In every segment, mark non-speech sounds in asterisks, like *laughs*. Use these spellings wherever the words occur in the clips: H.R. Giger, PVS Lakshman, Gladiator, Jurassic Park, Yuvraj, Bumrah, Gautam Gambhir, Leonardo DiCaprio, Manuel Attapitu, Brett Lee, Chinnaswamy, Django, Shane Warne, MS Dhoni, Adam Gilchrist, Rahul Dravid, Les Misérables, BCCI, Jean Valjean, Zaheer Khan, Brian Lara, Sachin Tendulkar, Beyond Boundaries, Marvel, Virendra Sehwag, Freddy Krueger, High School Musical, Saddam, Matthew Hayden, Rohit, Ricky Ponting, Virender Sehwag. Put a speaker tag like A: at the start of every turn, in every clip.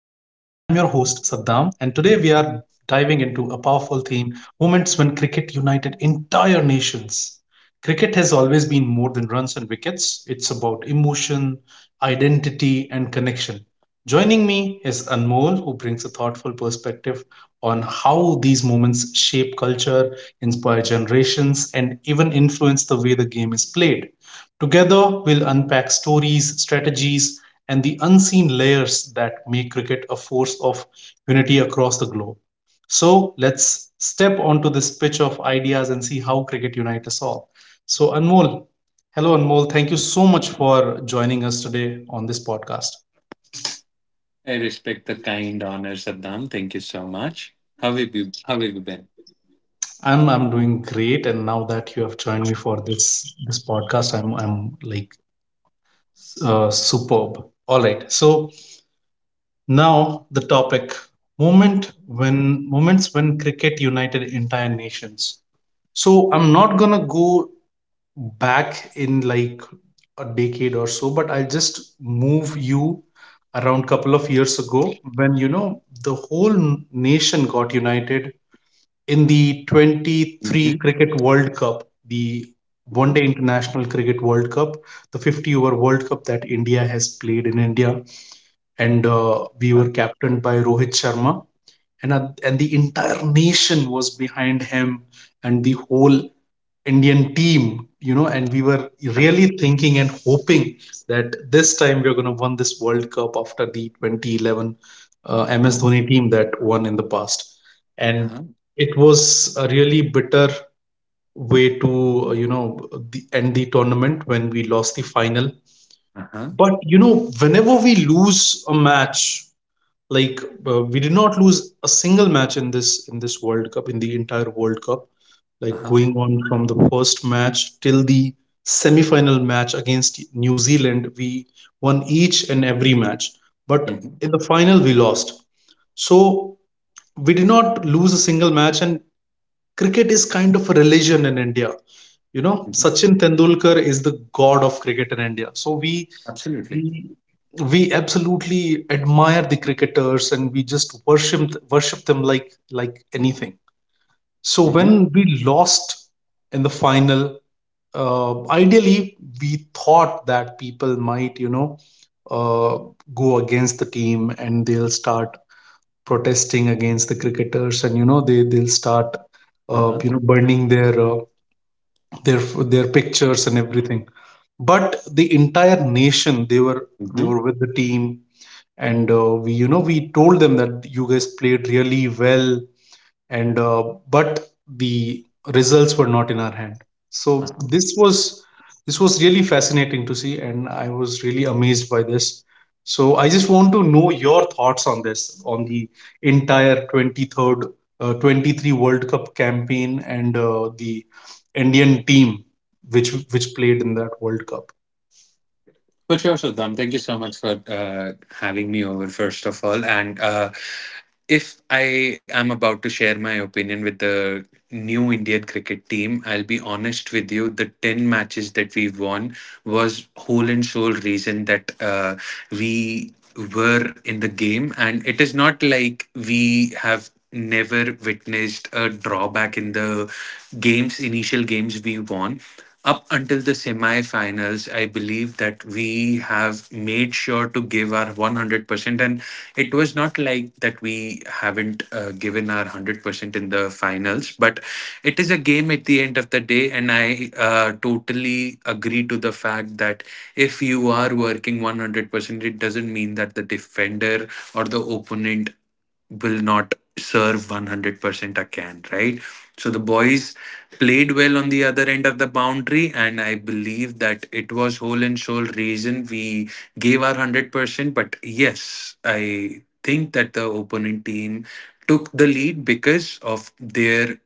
A: Saddam, and today we are diving into a powerful theme, moments when cricket united entire nations. Cricket has always been more than runs and wickets. It's about emotion, identity, and connection. Joining me is Anmol, who brings a thoughtful perspective on how these moments shape culture, inspire generations, and even influence the way the game is played. Together, we'll unpack stories, strategies, and the unseen layers that make cricket a force of unity across the globe. So, let's step onto this pitch of ideas and see how cricket unites us all. So, Anmol, hello, Anmol. Thank you so much for joining us today on this podcast.
B: I respect the kind honor, Saddam. Thank you so much. How have you been?
A: I'm doing great, and now that you have joined me for this podcast, I'm like, superb. All right. So now the topic, moments when cricket united entire nations. So I'm not gonna go back in, like, a decade or so, but I'll just move you around couple of years ago when, the whole nation got united in the
B: Mhm,
A: 23 Cricket World Cup, the
B: mhm.
A: one day international cricket world cup, the 50 over world cup that India has played in India. And
B: Uh,
A: we were captained by Rohit Sharma. And the entire nation was behind him, and the whole Indian team. And we were
B: uh,
A: really thinking and hoping that this time we are going to win this World Cup after the 2011 MS Dhoni team that won in the past. And
B: uh-huh,
A: it was a really bitter way to end the tournament when we lost the final.
B: uh-huh,
A: But, whenever we lose a match, like, we did not lose a single match in this World Cup, in the entire World Cup, like
B: uh-huh.
A: going on from the first match till the semi-final match against New Zealand. We won each and every match, but
B: Mhm,
A: in the final we lost. So we did not lose a single match. And cricket is kind of a religion in India you know
B: mhm.
A: Sachin Tendulkar is the god of cricket in India, so
B: Absolutely.
A: we, we absolutely admire the cricketers, and we just worship them, like anything. So
B: Mm-hmm.
A: when we lost in the final, uh, ideally we thought that people might uh, go against the team, and they'll start protesting against the cricketers. And they'll start
B: Uh-huh.
A: burning their their pictures and everything. But the entire nation, they
B: Mm-hmm.
A: were with the team. And we we told them that you guys played really well. And uh, but the results were not in our hand. So this was really fascinating to see, and I was really amazed by this. So I just want to know your thoughts on this, on the entire 23rd uh, 23 World Cup campaign and the Indian team, which played in that World Cup.
B: But sure, Saddam, thank you so much for having me over, first of all. And if I am about to share my opinion with the new Indian cricket team, I'll be honest with you. The 10 matches that we won was whole and sole reason that we were in the game. And it is not like we have never witnessed a drawback in the games. Initial games we won up until the semifinals, I believe that we have made sure to give our 100%. And it was not like that we haven't given our 100% in the finals, but it is a game at the end of the day. And I totally agree to the fact that if you are working 100%, it doesn't mean that the defender or the opponent will not serve 100% a can, right? So the boys played well on the other end of the boundary, and I believe that it was whole and soul reason we gave our 100%. But yes, I think that the opponent team took the lead because of their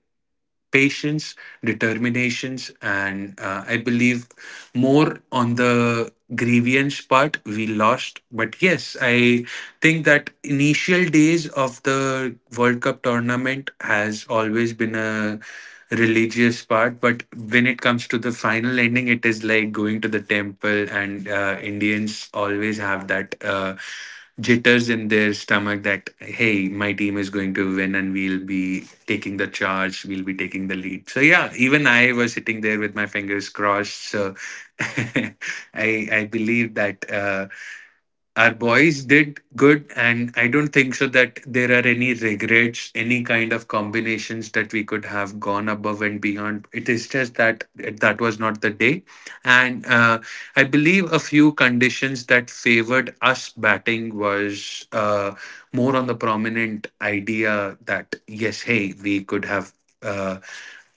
B: patience, determinations, and I believe more on the grievance part we lost. But yes, I think that initial days of the World Cup tournament has always been a religious part, but when it comes to the final ending, it is like going to the temple, and Indians always have that jitters in their stomach that hey, my team is going to win, and we'll be taking the charge, we'll be taking the lead. So yeah, even I was sitting there with my fingers crossed. So *laughs* I I believe that. Our boys did good, and I don't think so that there are any regrets, any kind of combinations that we could have gone above and beyond. It is just that that was not the day, and I believe a few conditions that favored us batting was more on the prominent idea that yes, hey, we could have uh,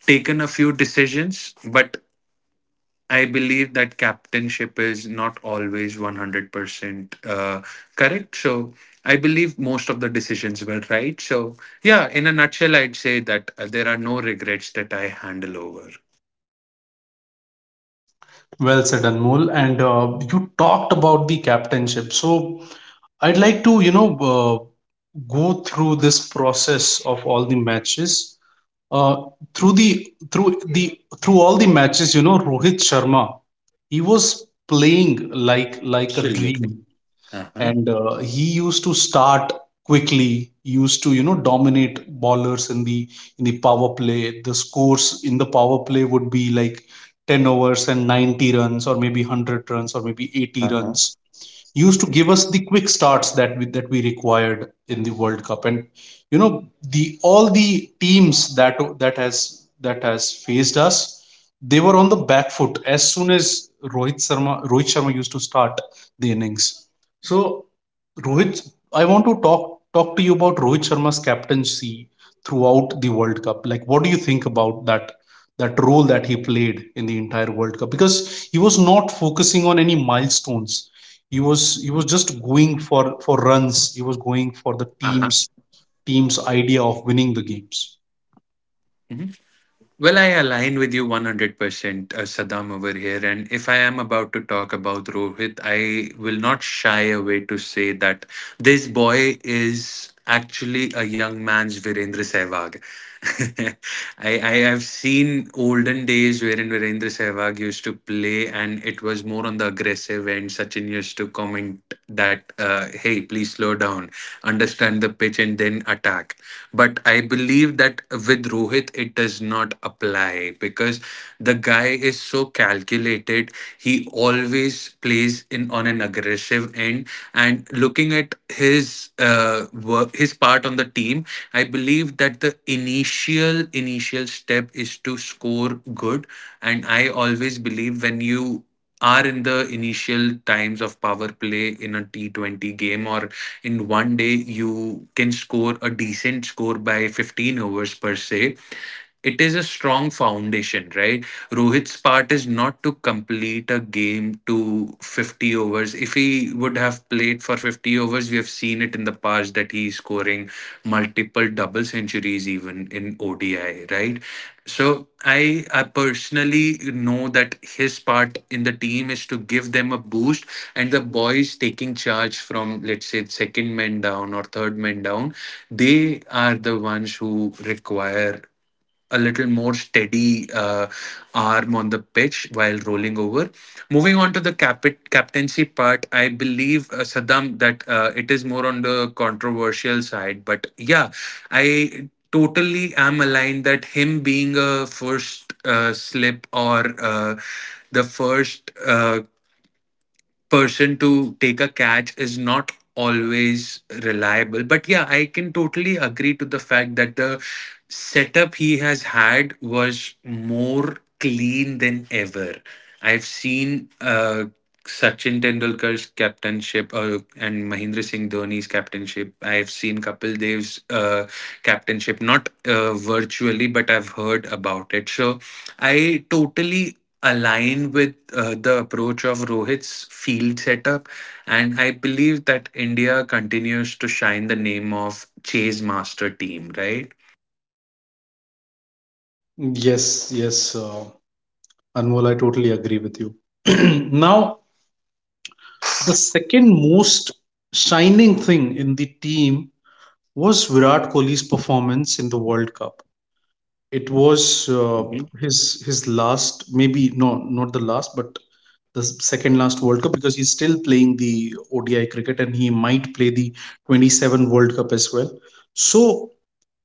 B: taken a few decisions, but I believe that captainship is not always 100% correct. So I believe most of the decisions were right. So, yeah, in a nutshell, I'd say that there are no regrets that I handle over.
A: Well said, Anmol. And you talked about the captainship. So I'd like to, go through this process of all the matches. Uh, through all the matches, you know, Rohit Sharma, he was playing like a
B: Absolutely.
A: dream.
B: Uh huh.
A: And he used to start quickly, used to, dominate ballers in the power play. The scores in the power play would be like 10 overs and 90 runs or maybe 100 runs or maybe 80
B: Uh huh.
A: runs, used to give us the quick starts that we required in the World Cup. And you know the all the teams that has faced us, they were on the back foot as soon as Rohit Sharma used to start the innings. So Rohit, I want to talk to you about Rohit Sharma's captaincy throughout the World Cup. Like, what do you think about that? That role that he played in the entire World Cup, because he was not focusing on any milestones. He was just going for runs. He was going for the
B: Uh huh.
A: team's idea of winning the games.
B: Well, I align with you 100%, Saddam, over here. And if I am about to talk about Rohit, I will not shy away to say that this boy is actually a young man's Virendra Sehwag. *laughs* I have seen olden days wherein Virendra Sehwag used to play, and it was more on the aggressive end. Sachin used to comment that, hey, please slow down, understand the pitch, and then attack, but I believe that with Rohit, it does not apply because the guy is so calculated. He always plays in on an aggressive end. And looking at his work, his part on the team, I believe that the initial step is to score good. And I always believe when you are in the initial times of power play in a T20 game or in one day, you can score a decent score by 15 overs per se. It is a strong foundation, right? Rohit's part is not to complete a game to 50 overs. If he would have played for 50 overs, we have seen it in the past that he is scoring multiple double centuries even in ODI, right? So I personally know that his part in the team is to give them a boost, and the boys taking charge from let's say second man down or third man down, they are the ones who require a little more steady arm on the pitch while rolling over. Moving on to the captaincy part, I believe, Saddam, that it is more on the controversial side, but yeah, I totally am aligned that him being a first slip or uh, the first person to take a catch is not always reliable. But yeah, I can totally agree to the fact that the setup he has had was more clean than ever. I've seen Sachin Tendulkar's captainship and Mahindra Singh Dhoni's captainship. I've seen Kapil Dev's captainship, not virtually, but I've heard about it. So I totally align with the approach of Rohit's field setup. And I believe that India continues to shine the name of Chase Master Team, right?
A: Yes, yes, Anmol, I totally agree with you. *clears throat* Now, the second most shining thing in the team was Virat Kohli's performance in the World Cup. It was uh,
B: Mhm.
A: his his last, maybe no, not the last, but the second last World Cup, because he's still playing the ODI cricket, and he might play the 27 World Cup as well. So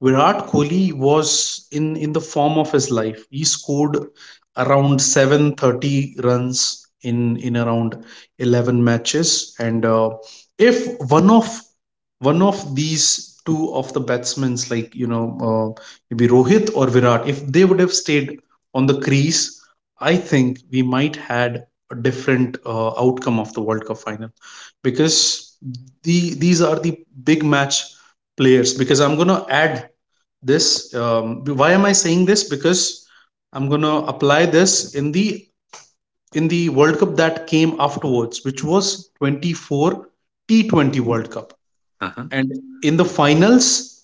A: Virat Kohli was in the form of his life. He scored around 730 runs in around 11 matches. And if one of one of these two of the batsmen's, maybe Rohit or Virat, if they would have stayed on the crease, I think we might had a different outcome of the World Cup final, because these are the big match players. Because I'm gonna add this. Why am I saying this? Because I'm gonna apply this in the World Cup that came afterwards, which was 24 T20
B: Mhm.
A: World Cup.
B: Uh-huh.
A: And in the finals,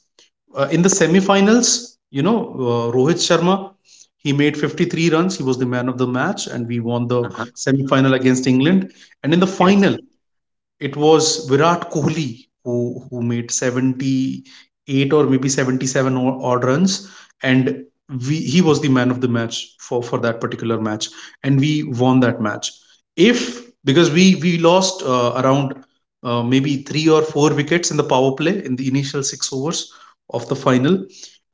A: in the semi-finals, Rohit Sharma, he made 53 runs. He was the man of the match, and we won the
B: Uh-huh.
A: semi-final against England. And in the final,
B: Yes.
A: it was Virat Kohli who made 78 or maybe 77 odd runs. And we he was the man of the match for that particular match, and we won that match. If Because we lost, around, maybe 3 or 4 wickets in the power play, in the initial 6 overs of the final.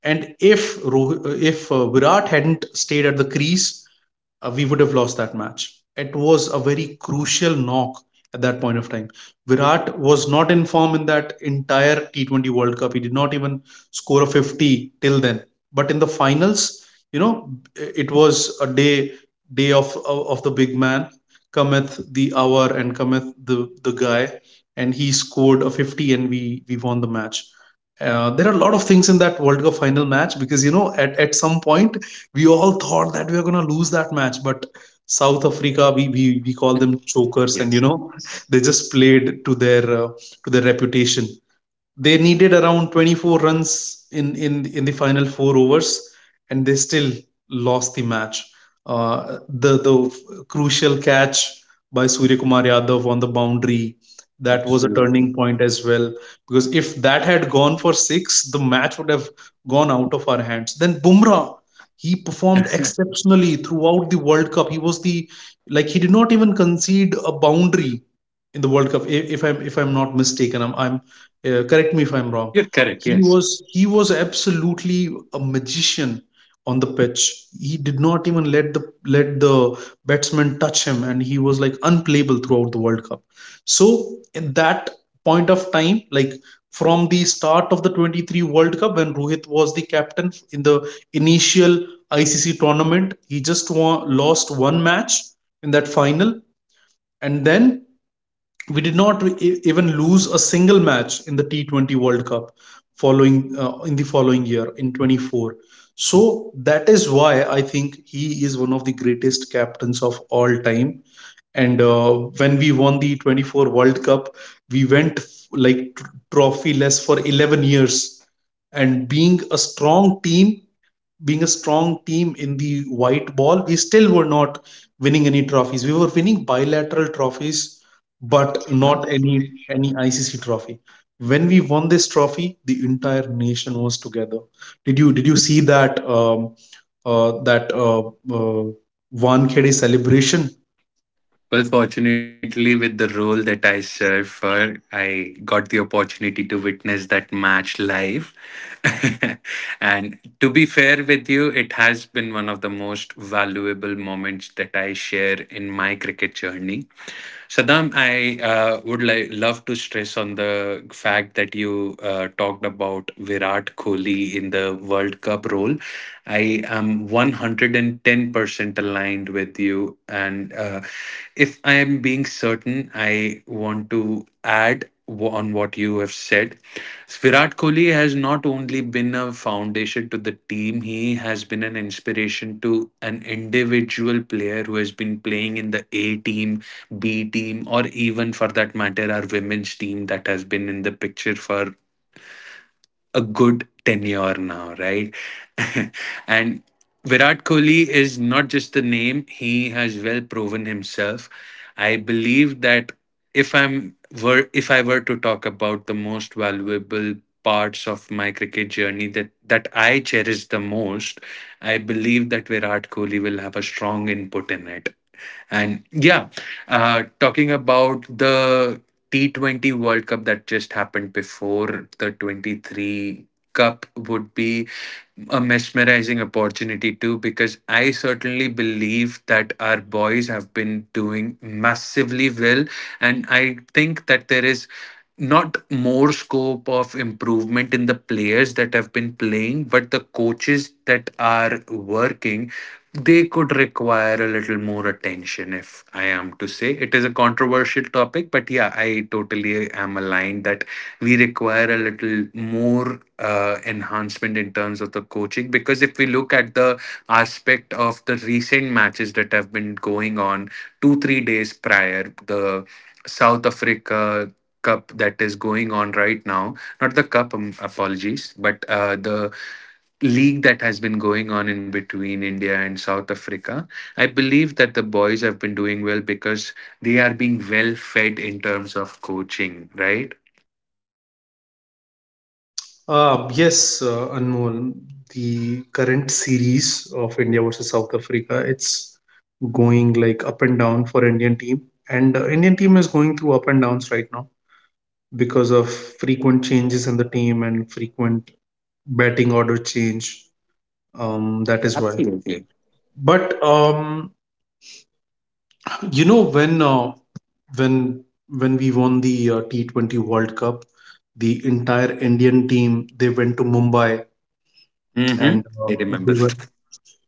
A: And if Virat hadn't stayed at the crease, we would have lost that match. It was a very crucial knock at that point of time. Virat was not in form in that entire T20 World Cup. He did not even score a 50 till then. But in the finals, it was a day of the big man. Cometh the hour and cometh the guy, and he scored a 50, and we won the match. There are a lot of things in that World Cup final match, because at some point we all thought that we were gonna lose that match. But South Africa, we call them chokers, and
B: Yes.
A: they just played to their reputation. They needed around 24 runs in the final 4 overs, and they still lost the match. The crucial catch by Surya Kumar Yadav on the boundary, that was a
B: Absolutely.
A: turning point as well. Because if that had gone for six, the match would have gone out of our hands. Then Bumrah, he performed
B: *laughs*
A: exceptionally throughout the World Cup. He was the, like, he did not even concede a boundary in the World Cup. If I'm not mistaken, I'm correct me if I'm wrong.
B: You're correct.
A: he
B: Yes.
A: was he was absolutely a magician on the pitch. He did not even let the batsman touch him, and he was like unplayable throughout the World Cup. So in that point of time, like, from the start of the 23 World Cup, when Rohit was the captain, in the initial ICC tournament, he just lost one match in that final. And then we did not even lose a single match in the T20 World Cup following, in the following year in 24. So that is why I think he is one of the greatest captains of all time. And when we won the 24 World Cup, we went trophyless for 11 years. And being a strong team in the white ball, we still were not winning any trophies. We were winning bilateral trophies, but not any ICC trophy. When we won this trophy, the entire nation was together. Did you see that uh, Wankhede celebration?
B: Well, fortunately, with the role that I serve for, I got the opportunity to witness that match live. *laughs* And to be fair with you, it has been one of the most valuable moments that I share in my cricket journey. Saddam, I would love to stress on the fact that you talked about Virat Kohli in the World Cup role. I am 110% aligned with you. And if I am being certain, I want to add on what you have said. Virat Kohli has not only been a foundation to the team, he has been an inspiration to an individual player who has been playing in the A team, B team, or even for that matter, our women's team that has been in the picture for a good tenure now, right? *laughs* And Virat Kohli is not just the name, he has well proven himself. I believe that if I'm if I were to talk about the most valuable parts of my cricket journey that I cherish the most, I believe that Virat Kohli will have a strong input in it. And yeah, talking about the T20 World Cup that just happened before the 23 Cup would be a mesmerizing opportunity too, because I certainly believe that our boys have been doing massively well, and I think that there is not more scope of improvement in the players that have been playing, but the coaches that are working, they could require a little more attention. If I am to say, it is a controversial topic, but yeah, I totally am aligned that we require a little more enhancement in terms of the coaching, because if we look at the aspect of the recent matches that have been going on 2 3 days prior, the South Africa cup that is going on right now, not the cup, apologies, but the league that has been going on in between India and South Africa, I believe that the boys have been doing well because they are being well fed in terms of coaching, right?
A: Yes, Anmol, the current series of India versus South Africa, it's going like up and down for Indian team, and Indian team is going through up and downs right now because of frequent changes in the team and frequent batting order change. That is why.
B: Absolutely.
A: But you know when uh, when we won the T20 World Cup, the entire Indian team they went to Mumbai
B: Mm-hmm.
A: and
B: I remember
A: they were
B: that.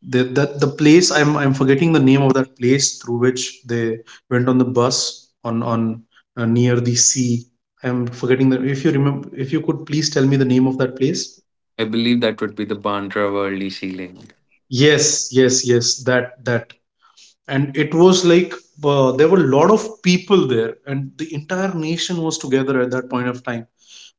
A: the place I'm forgetting the name of that place through which they went on the bus on near the sea. I'm forgetting the, if you remember, if you could please tell me the name of that place.
B: I believe that would be the Bandra Worldly ceiling.
A: Yes, yes, yes, that that, and it was like, there were a lot of people there and the entire nation was together at that point of time.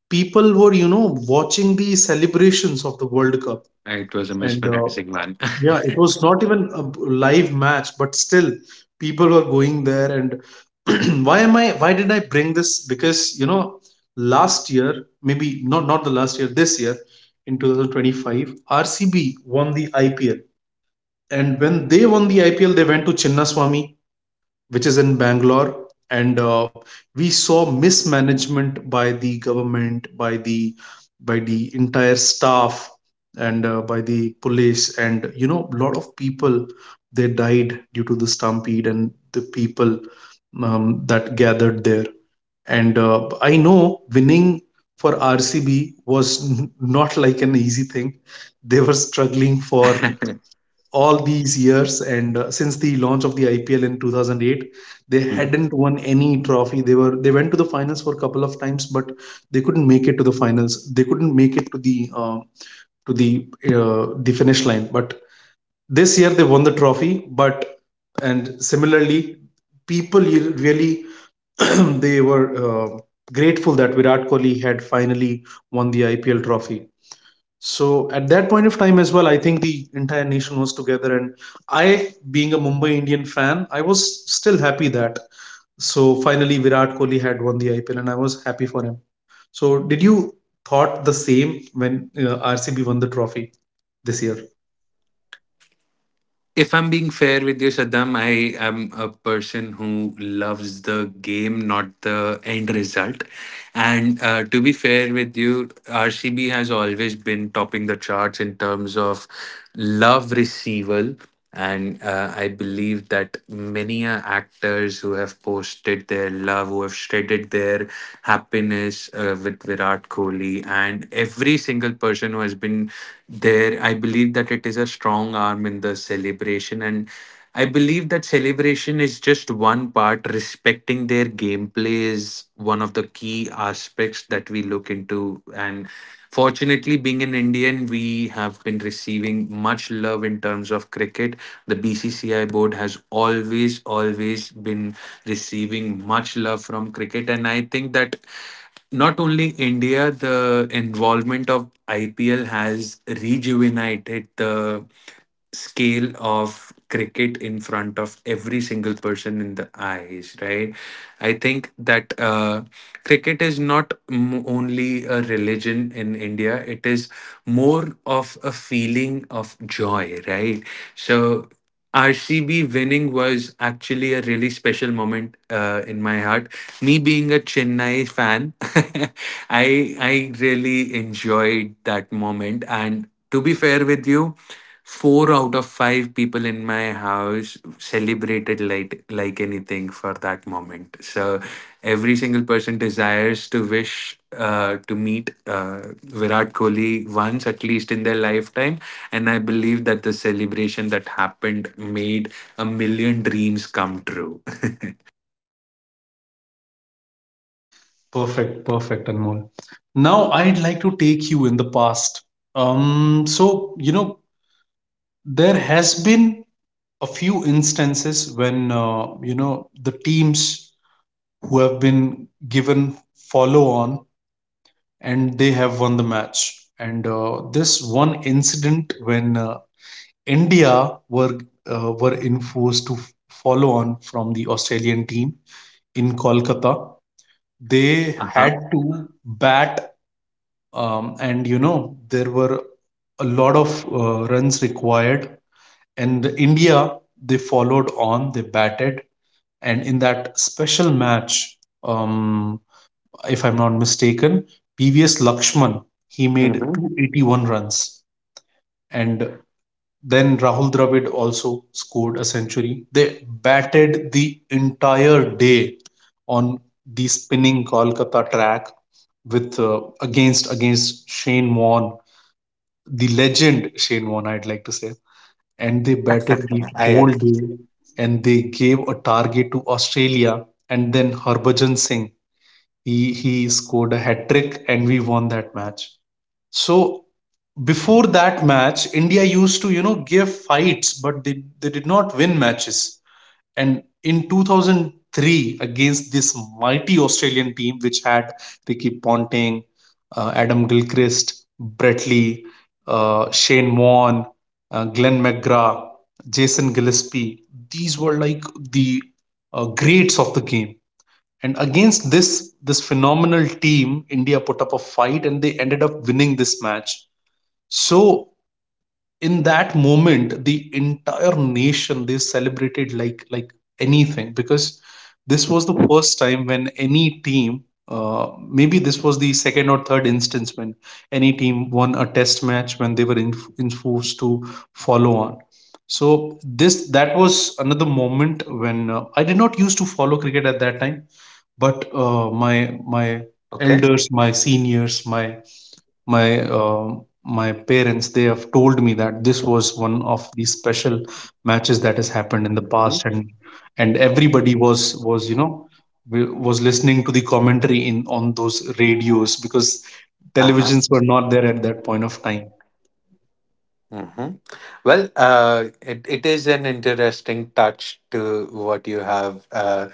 A: People were, you know, watching the celebrations of the world cup.
B: It was a
A: And
B: mesmerizing one.
A: yeah, it was not even a live match, but still people were going there. And *clears throat* why am I? Why did I bring this? Because, you know, last year, maybe not the last year, this year in 2025, RCB won the IPL, and when they won the IPL, they went to Chinnaswamy which is in Bangalore. And we saw mismanagement by the government, by the entire staff, and by the police. And, you know, a lot of people they died due to the stampede and the people that gathered there. And I know winning for RCB was not like an easy thing. They were struggling for all these years and since the launch of the IPL in 2008 they
B: *laughs* *laughs*
A: hadn't won any trophy. They were, they went to the finals for a couple of times, but they couldn't make it to the finals. They couldn't make it to the finish line, but this year they won the trophy. But and similarly, people, you really, *clears throat* they were grateful that Virat Kohli had finally won the IPL trophy. So at that point of time as well, I think the entire nation was together, and I, being a Mumbai Indian fan, I was still happy that so finally Virat Kohli had won the IPL, and I was happy for him. So did you thought the same when RCB won the trophy this year?
B: If I'm being fair with you, Saddam, I am a person who loves the game, not the end result. And to be fair with you, RCB has always been topping the charts in terms of love receival. And I believe that many actors who have posted their love, who have shredded their happiness with Virat Kohli, and every single person who has been there, I believe that it is a strong arm in the celebration. And I believe that celebration is just one part. Respecting their gameplay is one of the key aspects that we look into. And fortunately, being an Indian, we have been receiving much love in terms of cricket. The BCCI board has always, always been receiving much love from cricket. And I think that not only India, the involvement of IPL has rejuvenated the scale of cricket in front of every single person in the eyes, right? I think that cricket is not only a religion in India, it is more of a feeling of joy, right? So RCB winning was actually a really special moment in my heart. Me being a Chennai fan, *laughs* I really enjoyed that moment. And to be fair with you, four out of five people in my house celebrated like anything for that moment. So every single person desires to wish to meet Virat Kohli once at least in their lifetime, and I believe that the celebration that happened made a million dreams come true. *laughs*
A: Perfect, perfect, Anmol. Now I'd like to take you in the past. So you know there has been a few instances when you know the teams who have been given follow on and they have won the match. And this one incident when India were enforced to follow on from the Australian team in Kolkata, they
B: Uh
A: had
B: huh.
A: to bat, and you know there were a lot of runs required. And India they followed on, they batted, and in that special match, um, if I'm not mistaken, PVS Lakshman, he made
B: Mm-hmm.
A: 281 runs. And then Rahul Dravid also scored a century. They batted the entire day on the spinning Kolkata track with against Shane Warne, the legend Shane Warne, I'd like to say. And they batted the
B: I
A: whole
B: agree.
A: day and they gave a target to Australia, and then Harbhajan Singh he scored a hat trick and we won that match. So before that match, India used to, you know, give fights, but they did not win matches. And in 2003 against this mighty Australian team, which had Ricky Ponting, Adam Gilchrist, Brett Lee, Shane Warne, Glenn McGrath, Jason Gillespie. These were like the greats of the game. And against this phenomenal team, India put up a fight and they ended up winning this match. So in that moment the entire nation they celebrated like anything, because this was the first time when any team maybe this was the second or third instance when any team won a test match when they were in forced to follow on. So this, that was another moment when I did not used to follow cricket at that time, but uh, my
B: Okay.
A: elders, my seniors, my uh, my parents, they have told me that this was one of the special matches that has happened in the
B: Mm-hmm.
A: past. And everybody was, you know, was listening to the commentary in on those radios because
B: Uh huh.
A: televisions were not there at that point of time.
B: Hmm. Well, it is an interesting touch to what you have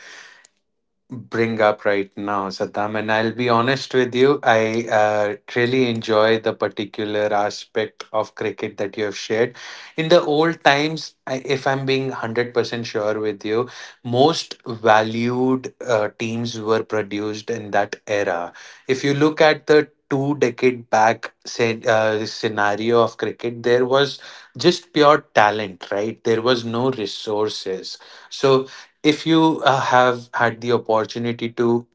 B: bring up right now, Saddam. And I'll be honest with you, I really enjoy the particular aspect of cricket that you have shared. In the old times, I, if I'm being 100% sure with you, most valued teams were produced in that era. If you look at the 2 decade back, say, scenario of cricket, there was just pure talent, right? There was no resources. So if you have had the opportunity to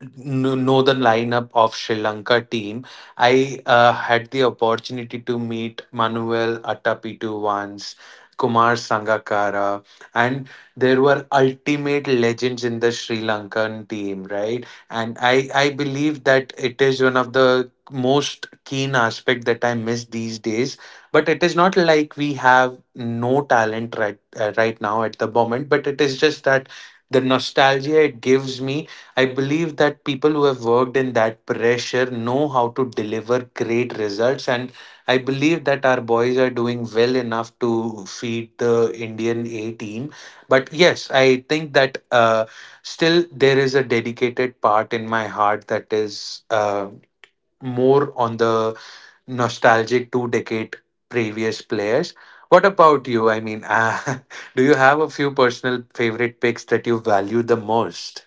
B: know the lineup of Sri Lanka team. I had the opportunity to meet Manuel Attapitu once, Kumar Sangakkara, and there were ultimate legends in the Sri Lankan team, right? And I believe that it is one of the most keen aspect that I miss these days. But it is not like we have no talent right now at the moment. But it is just that the nostalgia it gives me, I believe that people who have worked in that pressure know how to deliver great results. And I believe that our boys are doing well enough to feed the Indian A team. But yes, I think that still there is a dedicated part in my heart that is more on the nostalgic 2 decade previous players. What about you? I mean, *laughs* do you have a few personal favorite picks that you value the most?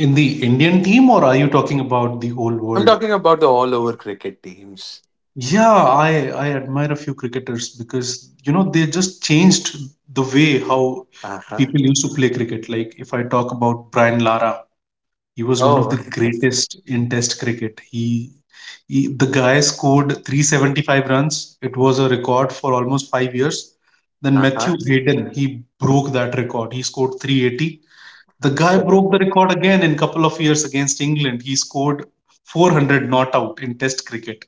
A: In the Indian team, or are you talking about the whole
B: I'm
A: world?
B: talking about the all over cricket teams.
A: Yeah, I admire a few cricketers because you know they just changed the way how
B: Uh huh.
A: people used to play cricket. Like if I talk about Brian Lara, he was one of the
B: Oh,
A: greatest in Test cricket. He the guy scored 375 runs. It was a record for almost five years.
B: *laughs*
A: Then
B: uh
A: Matthew
B: huh.
A: Hayden, he broke that record. He scored 380. The guy broke the
B: Absolutely.
A: record again in couple of years against England. He scored 400 not out in Test cricket.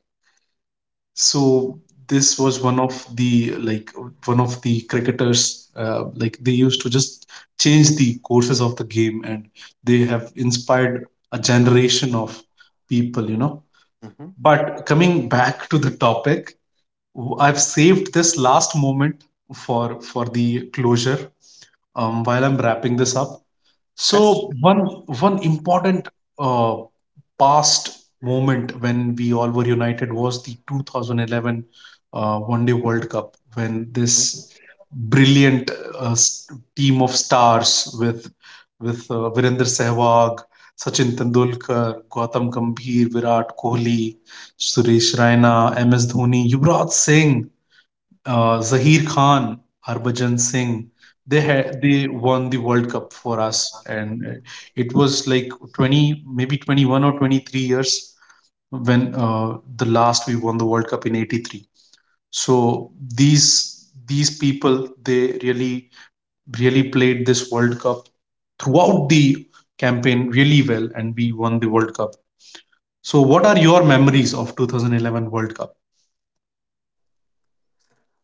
A: So this was one of the like one of the cricketers, like they used to just change the courses of the game and they have inspired a generation of people, you know.
B: Mm-hmm.
A: But coming back to the topic, I've saved this last moment for the closure while I'm wrapping this up.
B: Okay.
A: So one important uh, past moment when we all were united was the 2011 One Day World Cup, when this brilliant uh, s- team of stars with with Virender Sehwag, Sachin Tendulkar, Gautam Gambhir, Virat Kohli, Suresh Raina, MS Dhoni, Yuvraj Singh, Zaheer Khan, Harbhajan Singh,
B: Mhm.
A: they won the World Cup for us, and it was like 20, maybe 21 or 23 years when the last we won the World Cup in 83. So these people they really really played this World Cup throughout the campaign really well, and we won the World Cup. So, what are your memories of 2011 World Cup?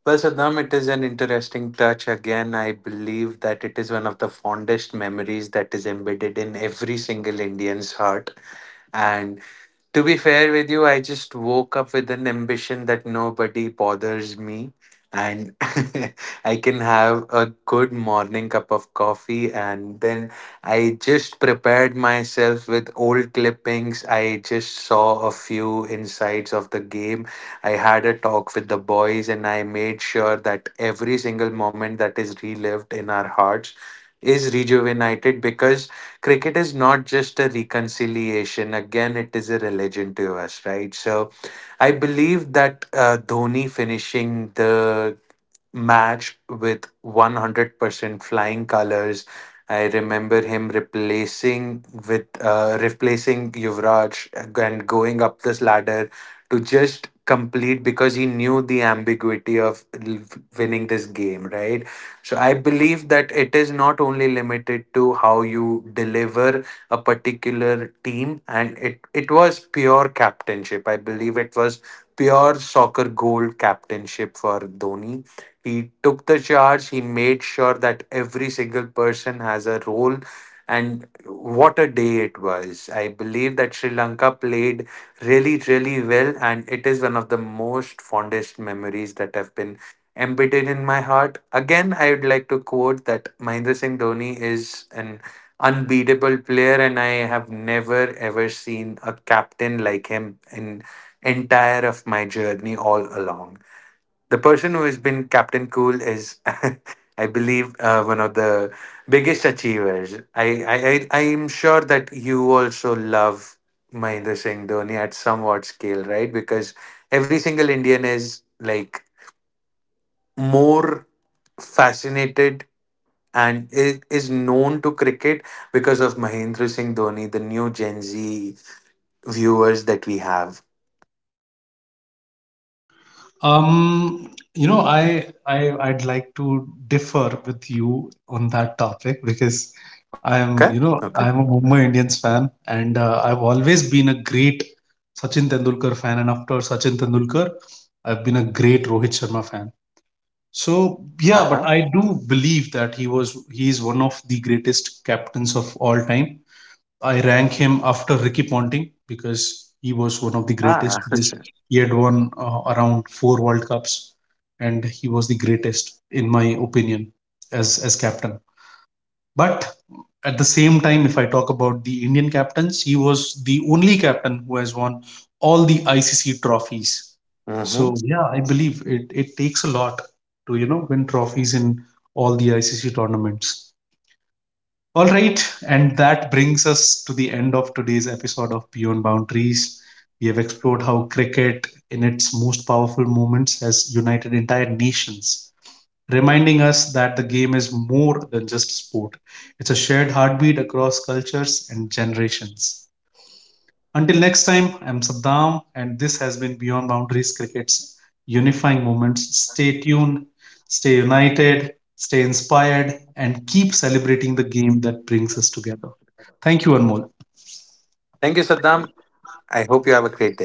B: Well, Saddam, it is an interesting touch. Again, I believe that it is one of the fondest memories that is embedded in every single Indian's heart. And. To be fair with you, I just woke up with an ambition that nobody bothers me, and *laughs* I can have a good morning cup of coffee. And then I just prepared myself with old clippings. I just saw a few insights of the game. I had a talk with the boys and I made sure that every single moment that is relived in our hearts is rejuvenated, because cricket is not just a reconciliation, again it is a religion to us, right? So I believe that Dhoni finishing the match with 100% flying colors. I remember him replacing with replacing Yuvraj and going up this ladder to just complete because he knew the ambiguity of winning this game, right? So I believe that it is not only limited to how you deliver a particular team, and it was pure captainship. I believe it was pure soccer gold captainship for Dhoni. He took the charge, he made sure that every single person has a role. And what a day it was. I believe that Sri Lanka played really, really well, and it is one of the most fondest memories that have been embedded in my heart. Again, I would like to quote that Mahendra Singh Dhoni is an unbeatable player, and I have never ever seen a captain like him in entire of my journey all along. The person who has been Captain Cool is, *laughs* I believe, one of the biggest achievers. I am sure that you also love Mahendra Singh Dhoni at somewhat scale, right? Because every single Indian is like more fascinated and is known to cricket because of Mahendra Singh Dhoni, the new Gen Z viewers that we have.
A: I 'd like to differ with you on that topic because
B: Okay.
A: I'm, you
B: Okay.
A: know, I'm a Mumbai Indians fan and I've always been a great Sachin Tendulkar fan, and after Sachin Tendulkar, I've been a great Rohit Sharma fan. So
B: Uh
A: yeah,
B: huh.
A: but I do believe that he is one of the greatest captains of all time. I rank him after Ricky Ponting because he was one of the greatest.
B: Ah.
A: Because
B: *laughs*
A: he had won around four World Cups, and he was the greatest in my opinion as captain. But at the same time, if I talk about the Indian captains, he was the only captain who has won all the ICC trophies.
B: Mm-hmm.
A: So yeah, I believe it it takes a lot to you know win trophies in all the ICC tournaments. All right, and that brings us to the end of today's episode of Beyond Boundaries. We have explored how cricket, in its most powerful moments, has united entire nations, reminding us that the game is more than just sport. It's a shared heartbeat across cultures and generations. Until next time, I'm Saddam, and this has been Beyond Boundaries Cricket's unifying moments. Stay tuned, stay united, stay inspired, and keep celebrating the game that brings us together. Thank you, Anmol.
B: Thank you, Saddam. I hope you have a great day.